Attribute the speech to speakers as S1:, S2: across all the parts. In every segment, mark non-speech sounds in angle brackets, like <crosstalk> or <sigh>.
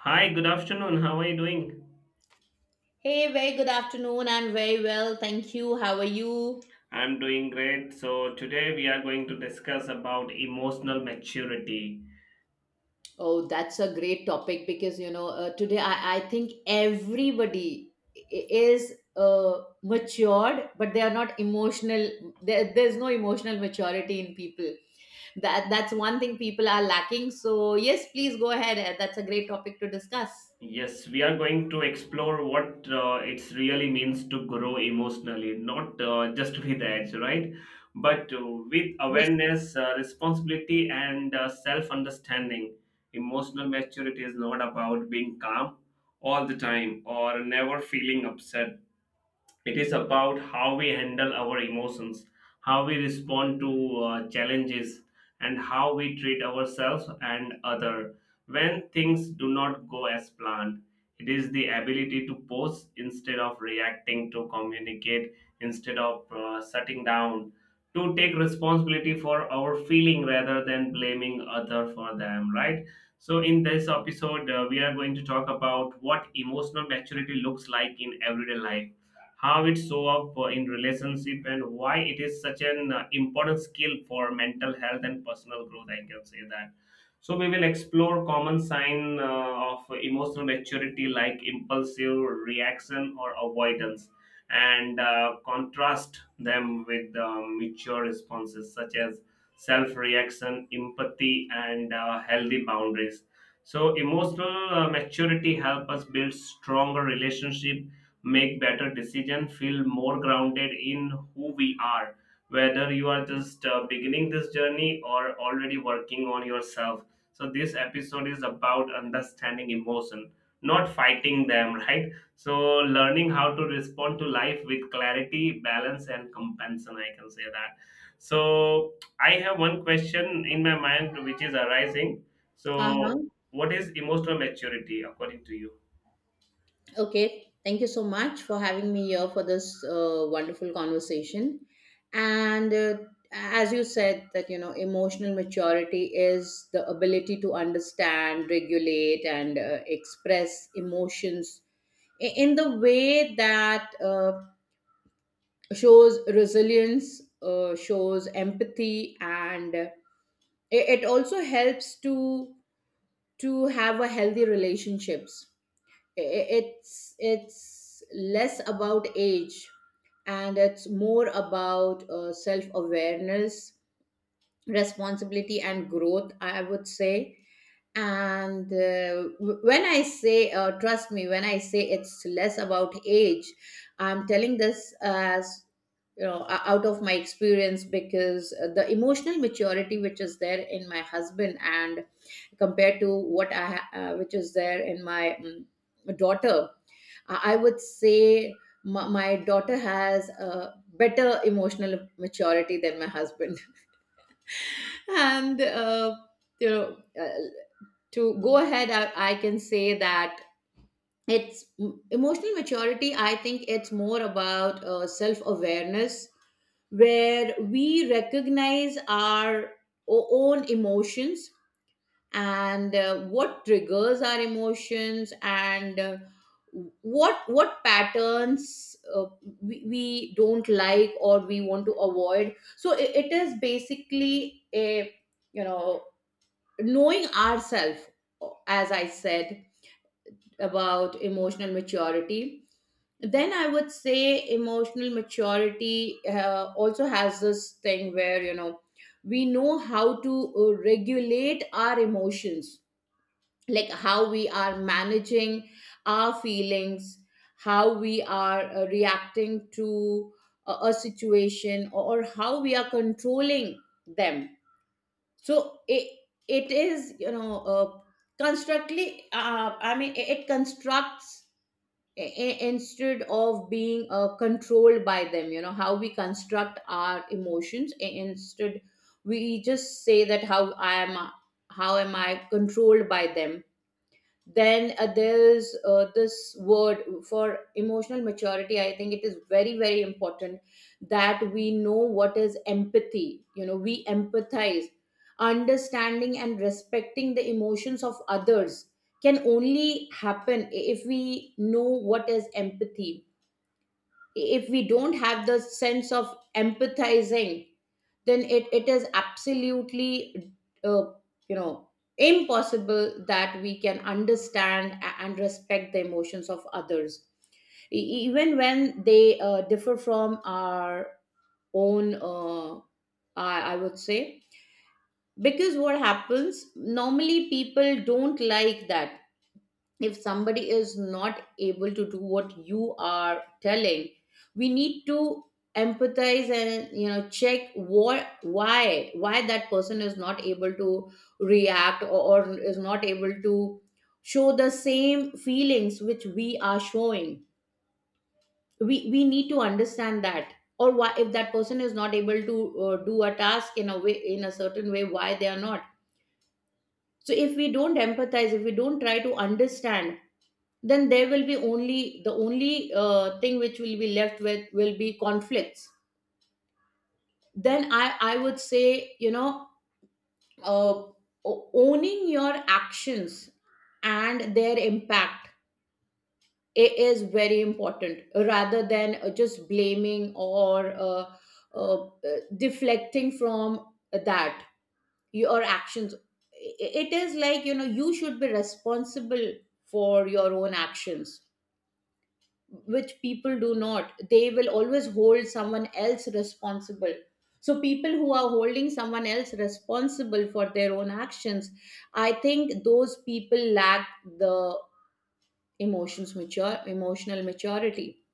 S1: Hi, good afternoon. How are you doing?
S2: Hey, very good afternoon. I'm very well. Thank you. How are you?
S1: I'm doing great. So, today we are going to discuss about emotional maturity.
S2: Oh, that's a great topic because today I think everybody is matured, but they are not emotional. There's no emotional maturity in people. That's one thing people are lacking. So yes, please go ahead. That's a great topic to discuss.
S1: Yes, we are going to explore what it really means to grow emotionally, not just <laughs> with age, right? But with
S2: Yes.
S1: awareness, responsibility, and self understanding. Emotional maturity is not about being calm all the time or never feeling upset. It is about how we handle our emotions, how we respond to challenges, and how we treat ourselves and other when things do not go as planned. It is the ability to pause instead of reacting, to communicate instead of shutting down, to take responsibility for our feeling rather than blaming other for them, right. So in this episode, we are going to talk about what emotional maturity looks like in everyday life, how it show up in relationship, and why it is such an important skill for mental health and personal growth, I can say that. So we will explore common sign of emotional maturity like impulsive reaction or avoidance, and contrast them with mature responses such as self reaction, empathy, and healthy boundaries. So emotional maturity help us build stronger relationship, make better decision, feel more grounded in who we are, whether you are just beginning this journey or already working on yourself. So this episode is about understanding emotion, not fighting them <laughs> right. So learning how to respond to life with clarity, balance, and compassion, I can say that. So I have one question in my mind which is arising. So
S2: Uh-huh.
S1: what is emotional maturity according to you?
S2: Okay, thank you so much for having me here for this wonderful conversation. And as you said, that emotional maturity is the ability to understand, regulate, and express emotions in the way that shows resilience, shows empathy, and it also helps to have a healthy relationships. It's less about age and it's more about self awareness, responsibility, and growth, I would say. And when I say, trust me when I say it's less about age, I'm telling this as, out of my experience, because the emotional maturity which is there in my husband, and compared to which is there in my daughter, I would say my daughter has a better emotional maturity than my husband. <laughs> And, you know, uh, to go ahead, I can say that it's emotional maturity. I think it's more about self awareness, where we recognize our own emotions, and what triggers our emotions, and what patterns we don't like or we want to avoid. So it is basically a, you know knowing ourselves, as I said, about emotional maturity. Then I would say emotional maturity also has this thing where, we know how to regulate our emotions, like how we are managing our feelings, how we are reacting to a situation, or how we are controlling them. So it is, constructly, I mean, it constructs. Instead of being controlled by them, how we construct our emotions instead. We just say that how I am, how am I controlled by them. Then there's this word for emotional maturity, I think it is very very important that we know what is empathy. We empathize. Understanding and respecting the emotions of others can only happen if we know what is empathy. If we don't have the sense of empathizing, then it is absolutely uh, you know impossible that we can understand and respect the emotions of others, even when they differ from our own, I would say, because what happens normally, people don't like that. If somebody is not able to do what you are telling, we need to empathize and check what, why that person is not able to react, or is not able to show the same feelings which we are showing. We need to understand that, or why, if that person is not able to do a task in a way, in a certain way, why they are not. So if we don't empathize, if we don't try to understand, then there will be only the only thing which will be left with will be conflicts. Then I would say, uh, owning your actions and their impact is very important, rather than just blaming or uh, deflecting from that. Your actions, it is like, you should be responsible for your own actions, which people do not. They will always hold someone else responsible. So people who are holding someone else responsible for their own actions, I think those people lack the emotions mature emotional maturity.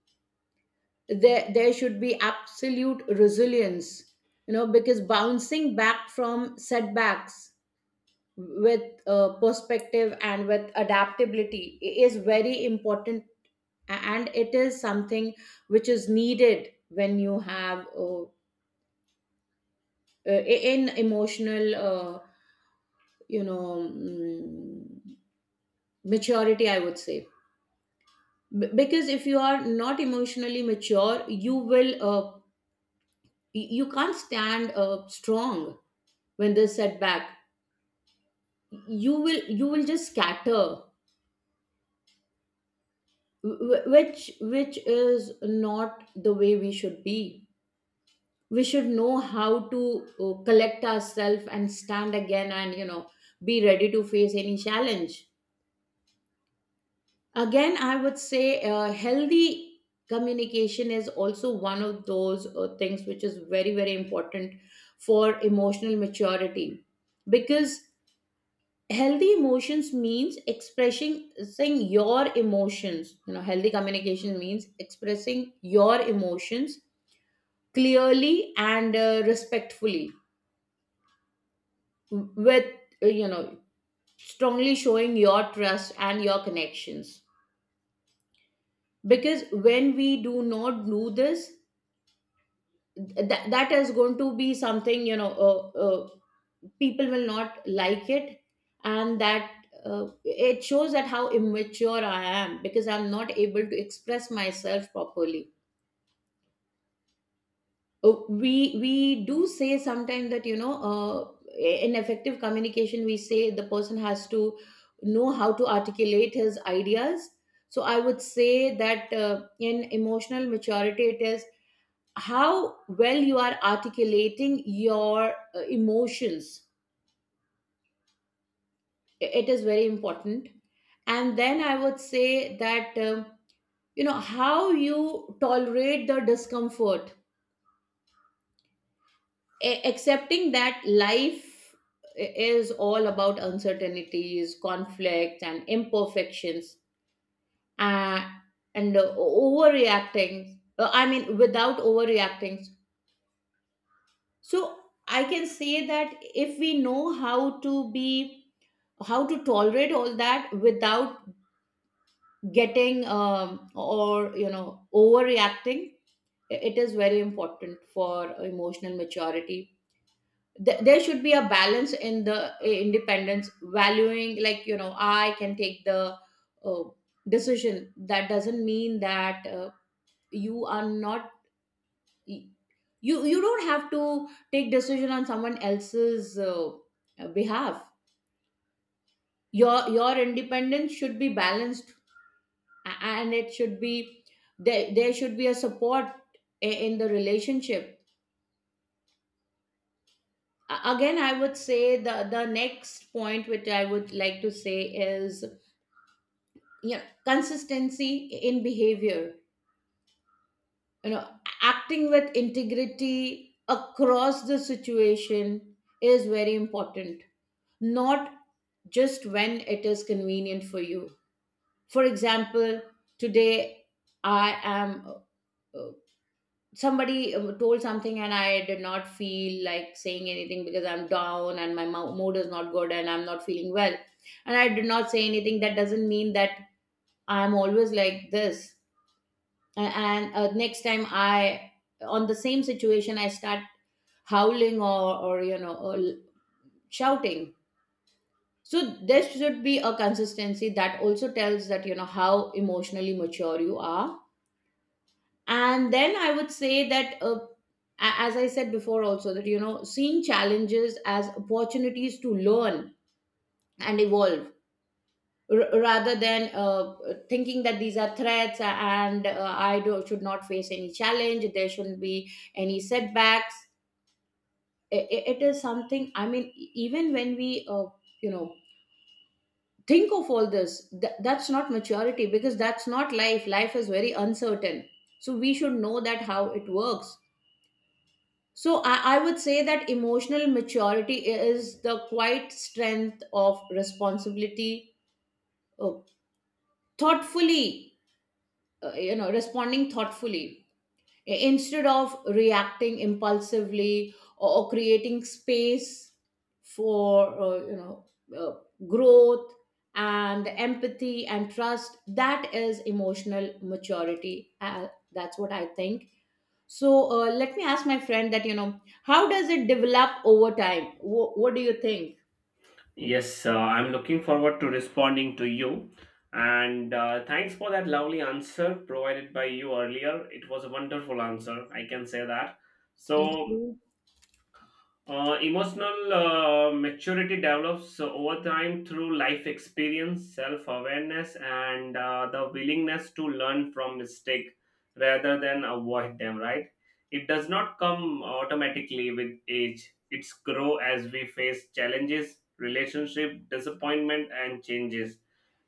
S2: There should be absolute resilience, because bouncing back from setbacks with perspective and with adaptability is very important, and it is something which is needed when you have uh, in emotional you know mm, maturity, I would say. Because if you are not emotionally mature, you will, you can't stand strong when there's setback. You will just scatter, which is not the way we should be. We should know how to collect ourselves and stand again, and be ready to face any challenge again, I would say. Healthy communication is also one of those things which is very very important for emotional maturity, because healthy emotions means expressing, saying your emotions. Healthy communication means expressing your emotions clearly and respectfully, with uh, you know strongly showing your trust and your connections. Because when we do not do this, that is going to be something, uh, people will not like it, and that, it shows that how immature I am, because I'm not able to express myself properly. Oh, we do say sometimes that, in effective communication we say the person has to know how to articulate his ideas. So I would say that in emotional maturity, it is how well you are articulating your emotions. It is very important. And then I would say that, you know, how you tolerate the discomfort, accepting that life is all about uncertainties, conflicts, and imperfections, uh, and overreacting. I mean, without overreacting. So I can say that if we know how to be, how to tolerate all that without getting or you know overreacting, it is very important for emotional maturity. There should be a balance in the, independence valuing, like, you know, I can take the uh, decision, that doesn't mean that you are not, you don't have to take decision on someone else's behalf. Your independence should be balanced, and it should be, there should be a support in the relationship. Again I would say, the next point which I would like to say is: consistency in behavior, you know acting with integrity across the situation is very important, not just when it is convenient for you. For example, today I am, uh, somebody told something, and I did not feel like saying anything because I'm down and my mood is not good and I'm not feeling well, and I did not say anything. That doesn't mean that I'm always like this. A- and Next time I, on the same situation, I start howling, or you know or l- shouting. So there should be a consistency, that also tells that, you know, how emotionally mature you are. And then I would say that, as I said before also, that seeing challenges as opportunities to learn and evolve, rather than thinking that these are threats, and I do, should not face any challenge, there shouldn't be any setbacks. It is something, I mean, even when we, you know, think of all this, that's not maturity because that's not life. Life is very uncertain. So we should know that how it works. So I would say that emotional maturity is the quiet strength of responsibility, uh, thoughtfully you know responding thoughtfully instead of reacting impulsively, or creating space for uh, growth and empathy and trust. That is emotional maturity, that's what I think. So let me ask my friend that, how does it develop over time? What do you think?
S1: Yes, I'm looking forward to responding to you. And thanks for that lovely answer provided by you earlier. It was a wonderful answer, I can say that.
S2: Thank
S1: So,
S2: you.
S1: emotional maturity develops over time through life experience, self awareness, and the willingness to learn from mistake rather than avoid them, right? It does not come automatically with age. It's grow as we face challenges, relationship, disappointment, and changes,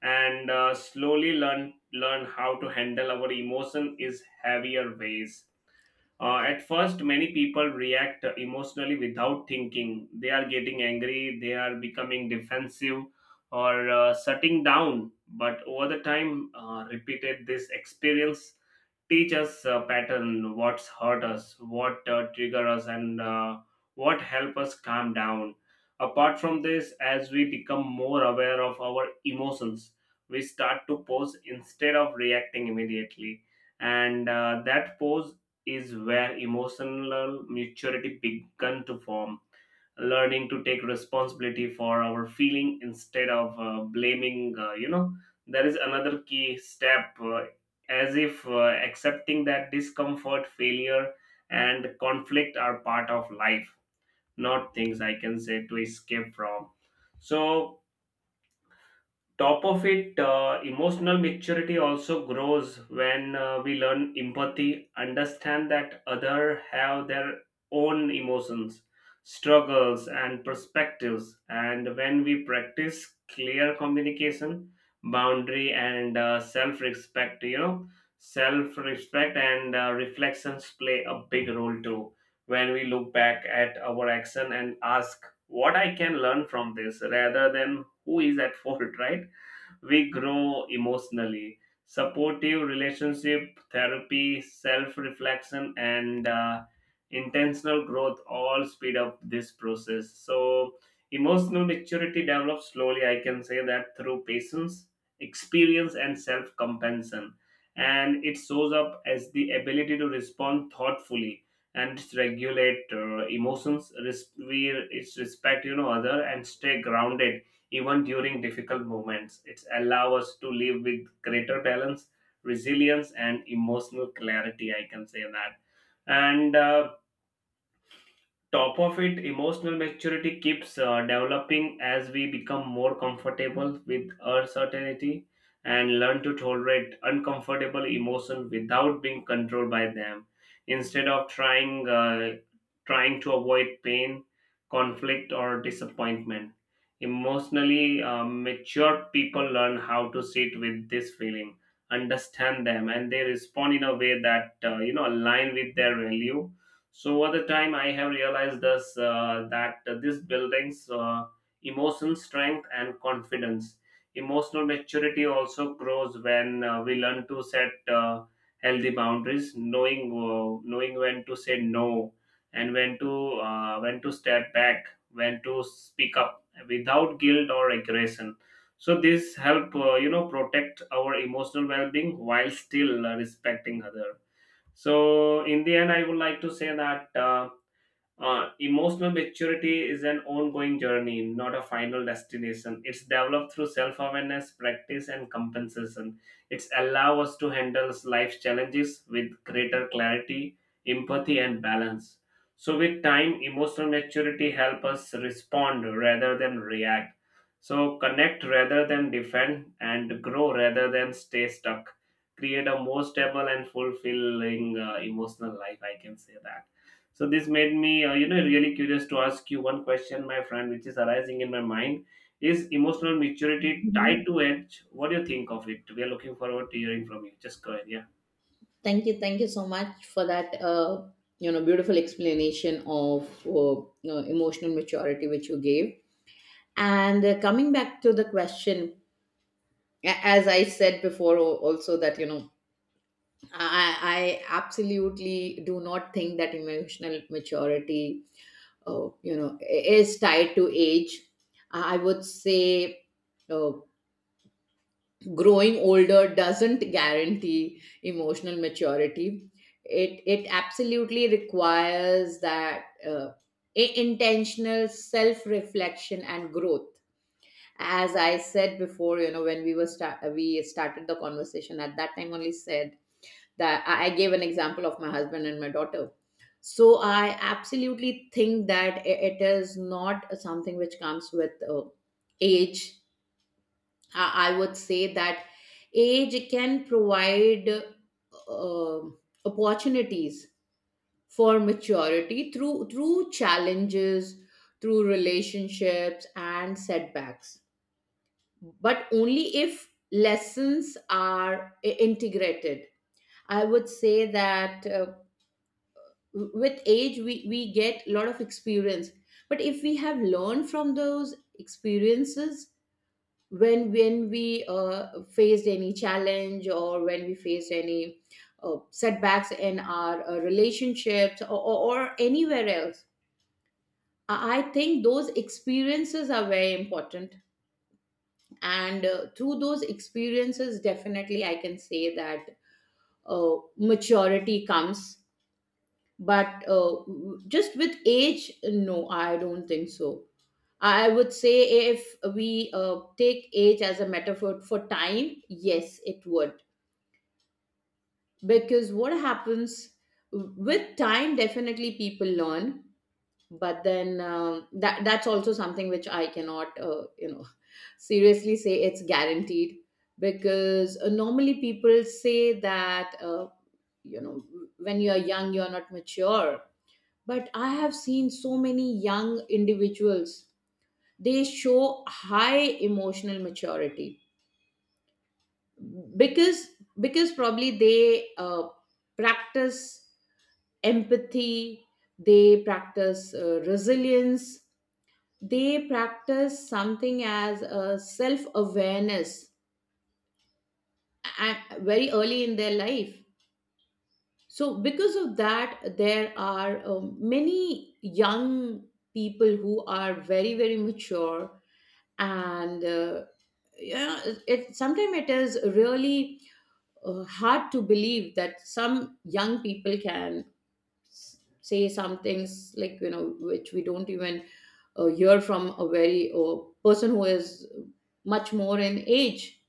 S1: and slowly learn how to handle our emotion is heavier ways. At first, many people react emotionally without thinking. They are getting angry, they are becoming defensive, or shutting down. But over the time, repeated this experience teach us a pattern, what's hurt us, what trigger us, and what help us calm down. Apart from this, as we become more aware of our emotions, we start to pause instead of reacting immediately, and that pause is where emotional maturity began to form. Learning to take responsibility for our feeling instead of blaming, there is another key step, as if accepting that discomfort, failure, and conflict are part of life, not things I can say to escape from. So top of it, emotional maturity also grows when we learn empathy, understand that other have their own emotions, struggles, and perspectives, and when we practice clear communication, boundary, and self respect, you know, self respect and reflections play a big role too. When we look back at our action and ask what I can learn from this rather than who is at <laughs> fault, right, we grow emotionally. Supportive relationship, therapy, self reflection, and intentional growth all speed up this process. So, emotional maturity develops slowly, I can say that, through patience, experience, and self compassion. And it shows up as the ability to respond thoughtfully and regulate emotions. Res- we it's respect, you know, other and stay grounded even during difficult moments. It allows us to live with greater balance, resilience, and emotional clarity. I can say that. And top of it, emotional maturity keeps developing as we become more comfortable with uncertainty and learn to tolerate uncomfortable emotions without being controlled by them, instead of trying trying to avoid pain, conflict, or disappointment. Emotionally mature people learn how to sit with this feeling, understand them, and they respond in a way that align with their value. So at the time, I have realized this that this building's emotional strength and confidence. Emotional maturity also grows when we learn to set healthy boundaries, knowing when to say no, and when to step back, when to speak up without guilt or aggression. So this help, protect our emotional well-being while still respecting other. So in the end, I would like to say that emotional maturity is an ongoing journey, not a final destination. It's developed through self-awareness, practice, and compensation. It's allow us to handle life's challenges with greater clarity, empathy, and balance. So, with time, emotional maturity help us respond rather than react. So, connect rather than defend, and grow rather than stay stuck. Create a more stable and fulfilling emotional life. I can say that. So this made me, really curious to ask you one question, my friend, which is arising in my mind. Is emotional maturity tied
S2: Mhm.
S1: to age? What do you think of it? We are looking forward to hearing from you. Just go ahead, yeah.
S2: Thank you so much for that. Beautiful explanation of emotional maturity which you gave. And coming back to the question, as I said before, also, that I absolutely do not think that emotional maturity, is tied to age, I would say. uh, Growing older doesn't guarantee emotional maturity. It absolutely requires that intentional self reflection and growth. As I said before, when we started the conversation, at that time only, said that I gave an example of my husband and my daughter. So I absolutely think that it is not something which comes with age. I would say that age can provide uh, opportunities for maturity through challenges, through relationships and setbacks, but only if lessons are integrated. I would say that with age we get a lot of experience, but if we have learned from those experiences when we faced any challenge or when we faced any setbacks in our relationships or anywhere else I think those experiences are very important and through those experiences definitely I can say that uh, maturity comes, but just with age, no, I don't think so. I would say if we take age as a metaphor for time, yes, it would. Because what happens with time, definitely people learn, but then that's also something which I cannot <laughs> seriously say it's guaranteed, because normally people say that you know when you're young you're not mature, but I have seen so many young individuals. They show high emotional maturity because probably they practice empathy, they practice resilience, they practice something as a self awareness very early in their life. So because of that, there are many young people who are very, very mature. And yeah, sometimes it is really hard to believe that some young people can say some things, like, you know, which we don't even hear from a very person who is much more in age.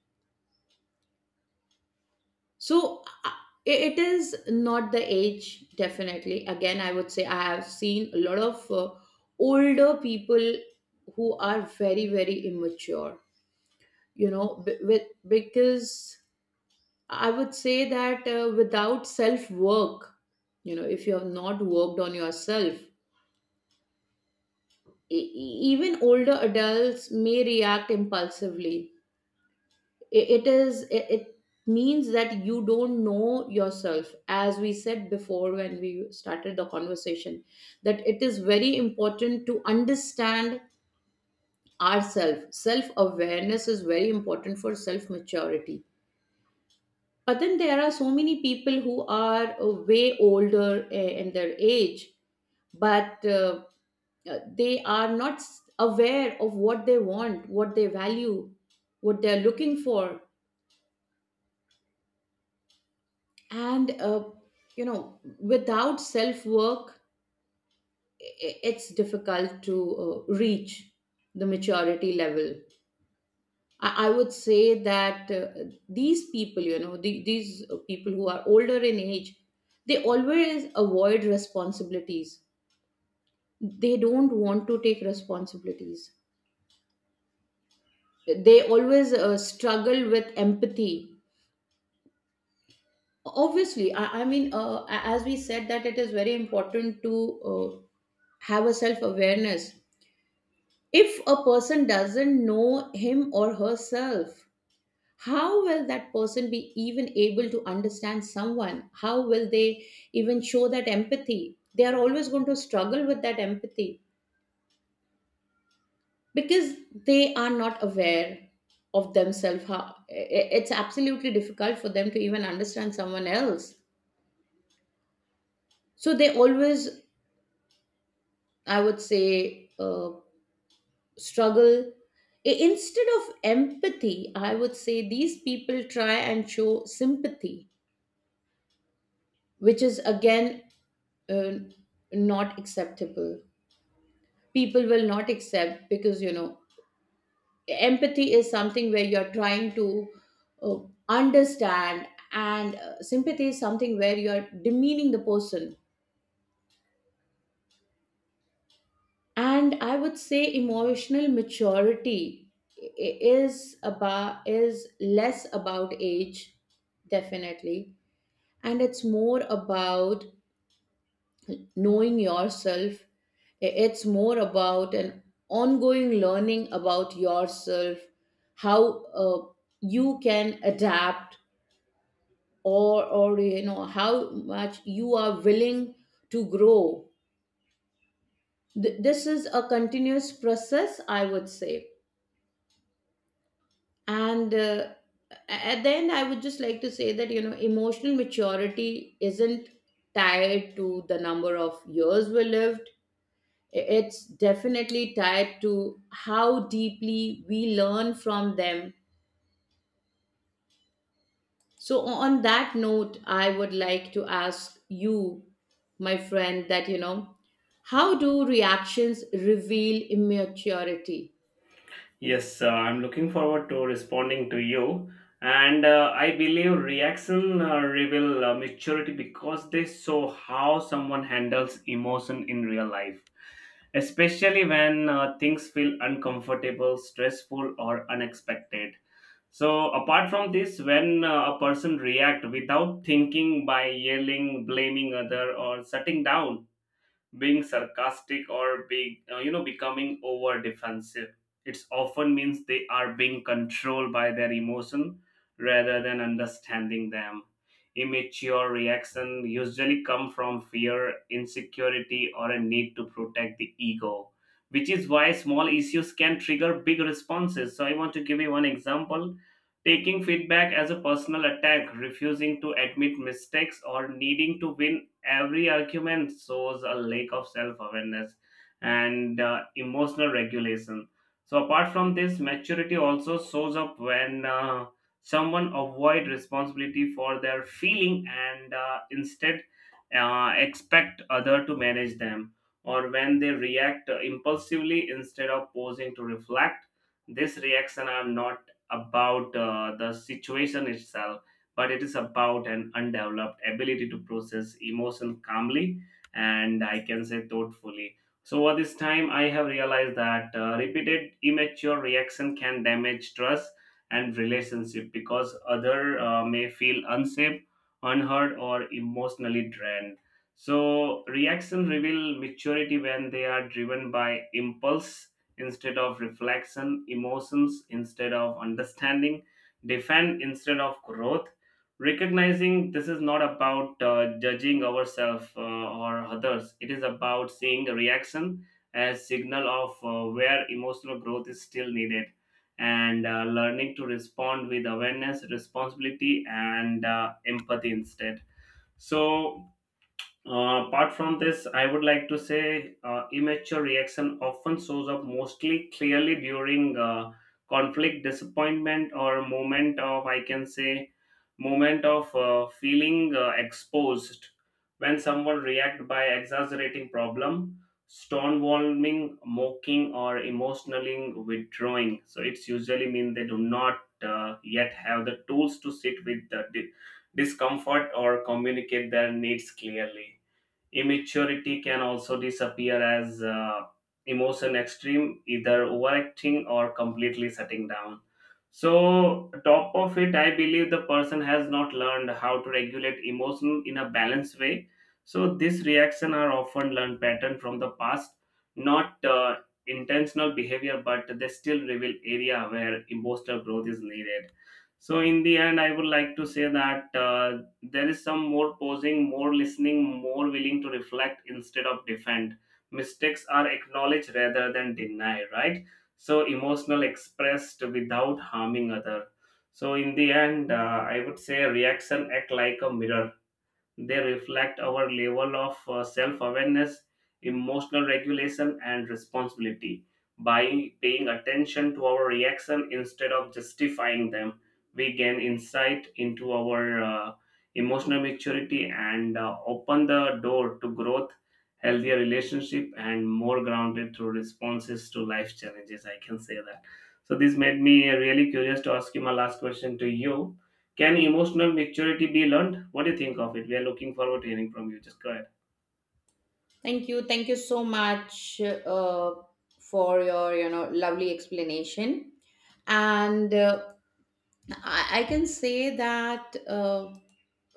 S2: So it is not the age, definitely. Again, I would say I have seen a lot of older people who are very, very immature, you know, with, because I would say that without self work, you know, if you have not worked on yourself, even older adults may react impulsively. It means that you don't know yourself, as we said before when we started the conversation, that it is very important to understand ourselves. Self awareness is very important for self maturity, but then there are so many people who are way older in their age, but they are not aware of what they want, what they value, what they are looking for. And you know, without self work, it's difficult to reach the maturity level. I would say that these people, you know, these people who are older in age, they always avoid responsibilities, they don't want to take responsibilities, they always struggle with empathy. Obviously, I mean, as we said, that it is very important to have a self awareness. If a person doesn't know him or herself, how will that person be even able to understand someone? How will they even show that empathy? They are always going to struggle with that empathy because they are not aware of themselves. It's absolutely difficult for them to even understand someone else. So they always, I would say, struggle. Instead of empathy, I would say these people try and show sympathy, which is again uh, not acceptable. People will not accept, because, you know, empathy is something where you're trying to uh, understand, and sympathy is something where you're demeaning the person. And I would say emotional maturity i- is less about age, definitely, and it's more about knowing yourself. It's more about an ongoing learning about yourself, how you can adapt, or you know, how much you are willing to grow. This is a continuous process, I would say. And at the end, I would just like to say that, you know, emotional maturity isn't tied to the number of years we lived. It's definitely tied to how deeply we learn from them. So on that note, I would like to ask you, my friend, that, you know, how do reactions reveal immaturity?
S1: Yes, I'm looking forward to responding to you. And I believe reaction reveal maturity because they show how someone handles emotion in real life, especially when things feel uncomfortable, stressful, or unexpected. So apart from this, when a person react without thinking by yelling, blaming other, or shutting down, being sarcastic or being, becoming over defensive, it's often means they are being controlled by their emotion rather than understanding them. Immature reaction usually come from fear, insecurity, or a need to protect the ego, which is why small issues can trigger big responses. So I want to give you one example: taking feedback as a personal attack, refusing to admit mistakes, or needing to win every argument shows a lack of self awareness and emotional regulation. So, apart from this, maturity also shows up when someone avoid responsibility for their feeling and instead expect other to manage them, or when they react impulsively instead of pausing to reflect. This reaction are not about the situation itself, but it is about an undeveloped ability to process emotion calmly and I can say thoughtfully. So over this time, I have realized that repeated immature reaction can damage trust and relationship because other may feel unsafe, unheard, or emotionally drained. So reaction reveal maturity when they are driven by impulse instead of reflection, emotions instead of understanding, defend instead of growth. Recognizing this is not about judging ourselves or others, it is about seeing the reaction as signal of where emotional growth is still needed, and learning to respond with awareness, responsibility, and empathy instead. So apart from this, I would like to say, immature reaction often shows up mostly clearly during conflict, disappointment, or moment of, I can say, moment of feeling exposed. When someone react by exaggerating problem, stonewalling, mocking, or emotionally withdrawing, so it's usually mean they do not yet have the tools to sit with the discomfort or communicate their needs clearly. Immaturity can also disappear as emotion extreme, either overacting or completely shutting down. So, top of it, I believe the person has not learned how to regulate emotion in a balanced way. So, these reaction are often learned pattern from the past, not intentional behavior, but they still reveal area where emotional growth is needed. So, in the end, I would like to say that. There is some more pausing, more listening, more willing to reflect instead of defend. Mistakes are acknowledged rather than denied, right? So emotional expressed without harming other. So in the end, I would say reaction act like a mirror. They reflect our level of self awareness, emotional regulation, and responsibility. By paying attention to our reaction instead of justifying them, we gain insight into our emotional maturity and open the door to growth, healthier relationship, and more grounded through responses to life challenges. I can say that. So this made me really curious to ask you my last question to you: can emotional maturity be learned? What do you think of it? We are looking forward to hearing from you. Just go ahead.
S2: Thank you. Thank you so much uh, for your, you know, lovely explanation. And I can say that uh,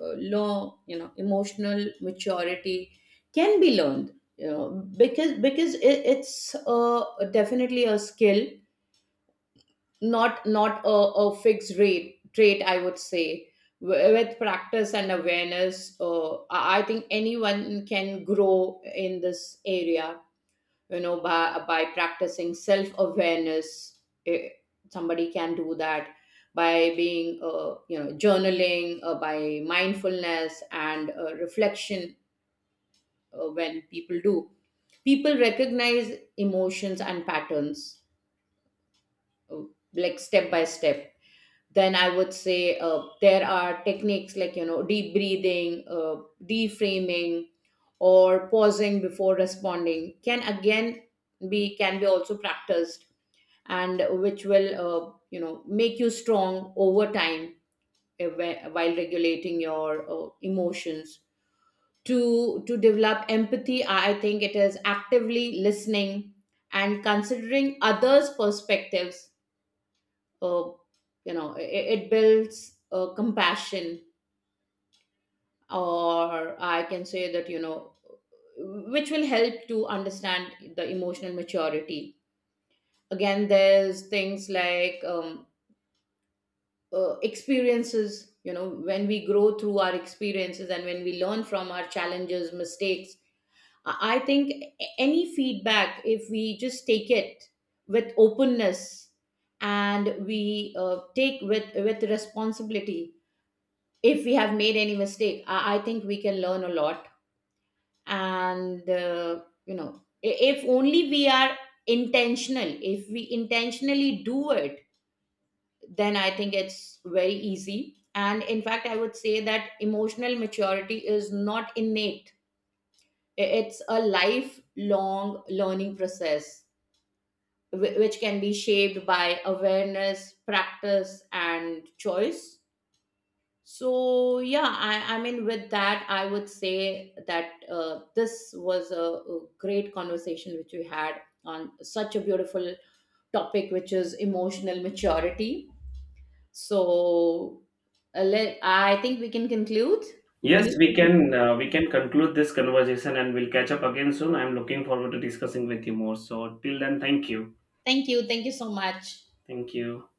S2: uh, low, you know, emotional maturity can be learned, you know, because it's definitely a skill, not a fixed rate trait, I would say. With practice and awareness, I think anyone can grow in this area, you know, by practicing self awareness. Somebody can do that by being you know, journaling, by mindfulness and reflection. When people do, people recognize emotions and patterns, uh, like step by step. Then I would say there are techniques like, you know, deep breathing, deframing, or pausing before responding can again be can be also practiced, and which will you know, make you strong over time, while regulating your emotions. To develop empathy, I think it is actively listening and considering others perspectives. uh, you know, it builds compassion, or I can say that, you know, which will help to understand the emotional maturity. Again, there's things like experiences. You know, when we grow through our experiences and when we learn from our challenges mistakes, I think any feedback, if we just take it with openness, and we take with responsibility, if we have made any mistake, I think we can learn a lot. And you know if only we are intentional, if we intentionally do it, then I think it's very easy. And in fact, I would say that emotional maturity is not innate. It's a lifelong learning process, which can be shaped by awareness, practice, and choice. So yeah, I mean, with that, I would say that this was a great conversation which we had on such a beautiful topic, which is emotional maturity. So I think we can conclude. What do you
S1: Yes, we
S2: say?
S1: can conclude this conversation and we'll catch up again soon. I'm looking forward to discussing with you more. So till then, thank you.
S2: Thank you. Thank you so much.
S1: Thank you.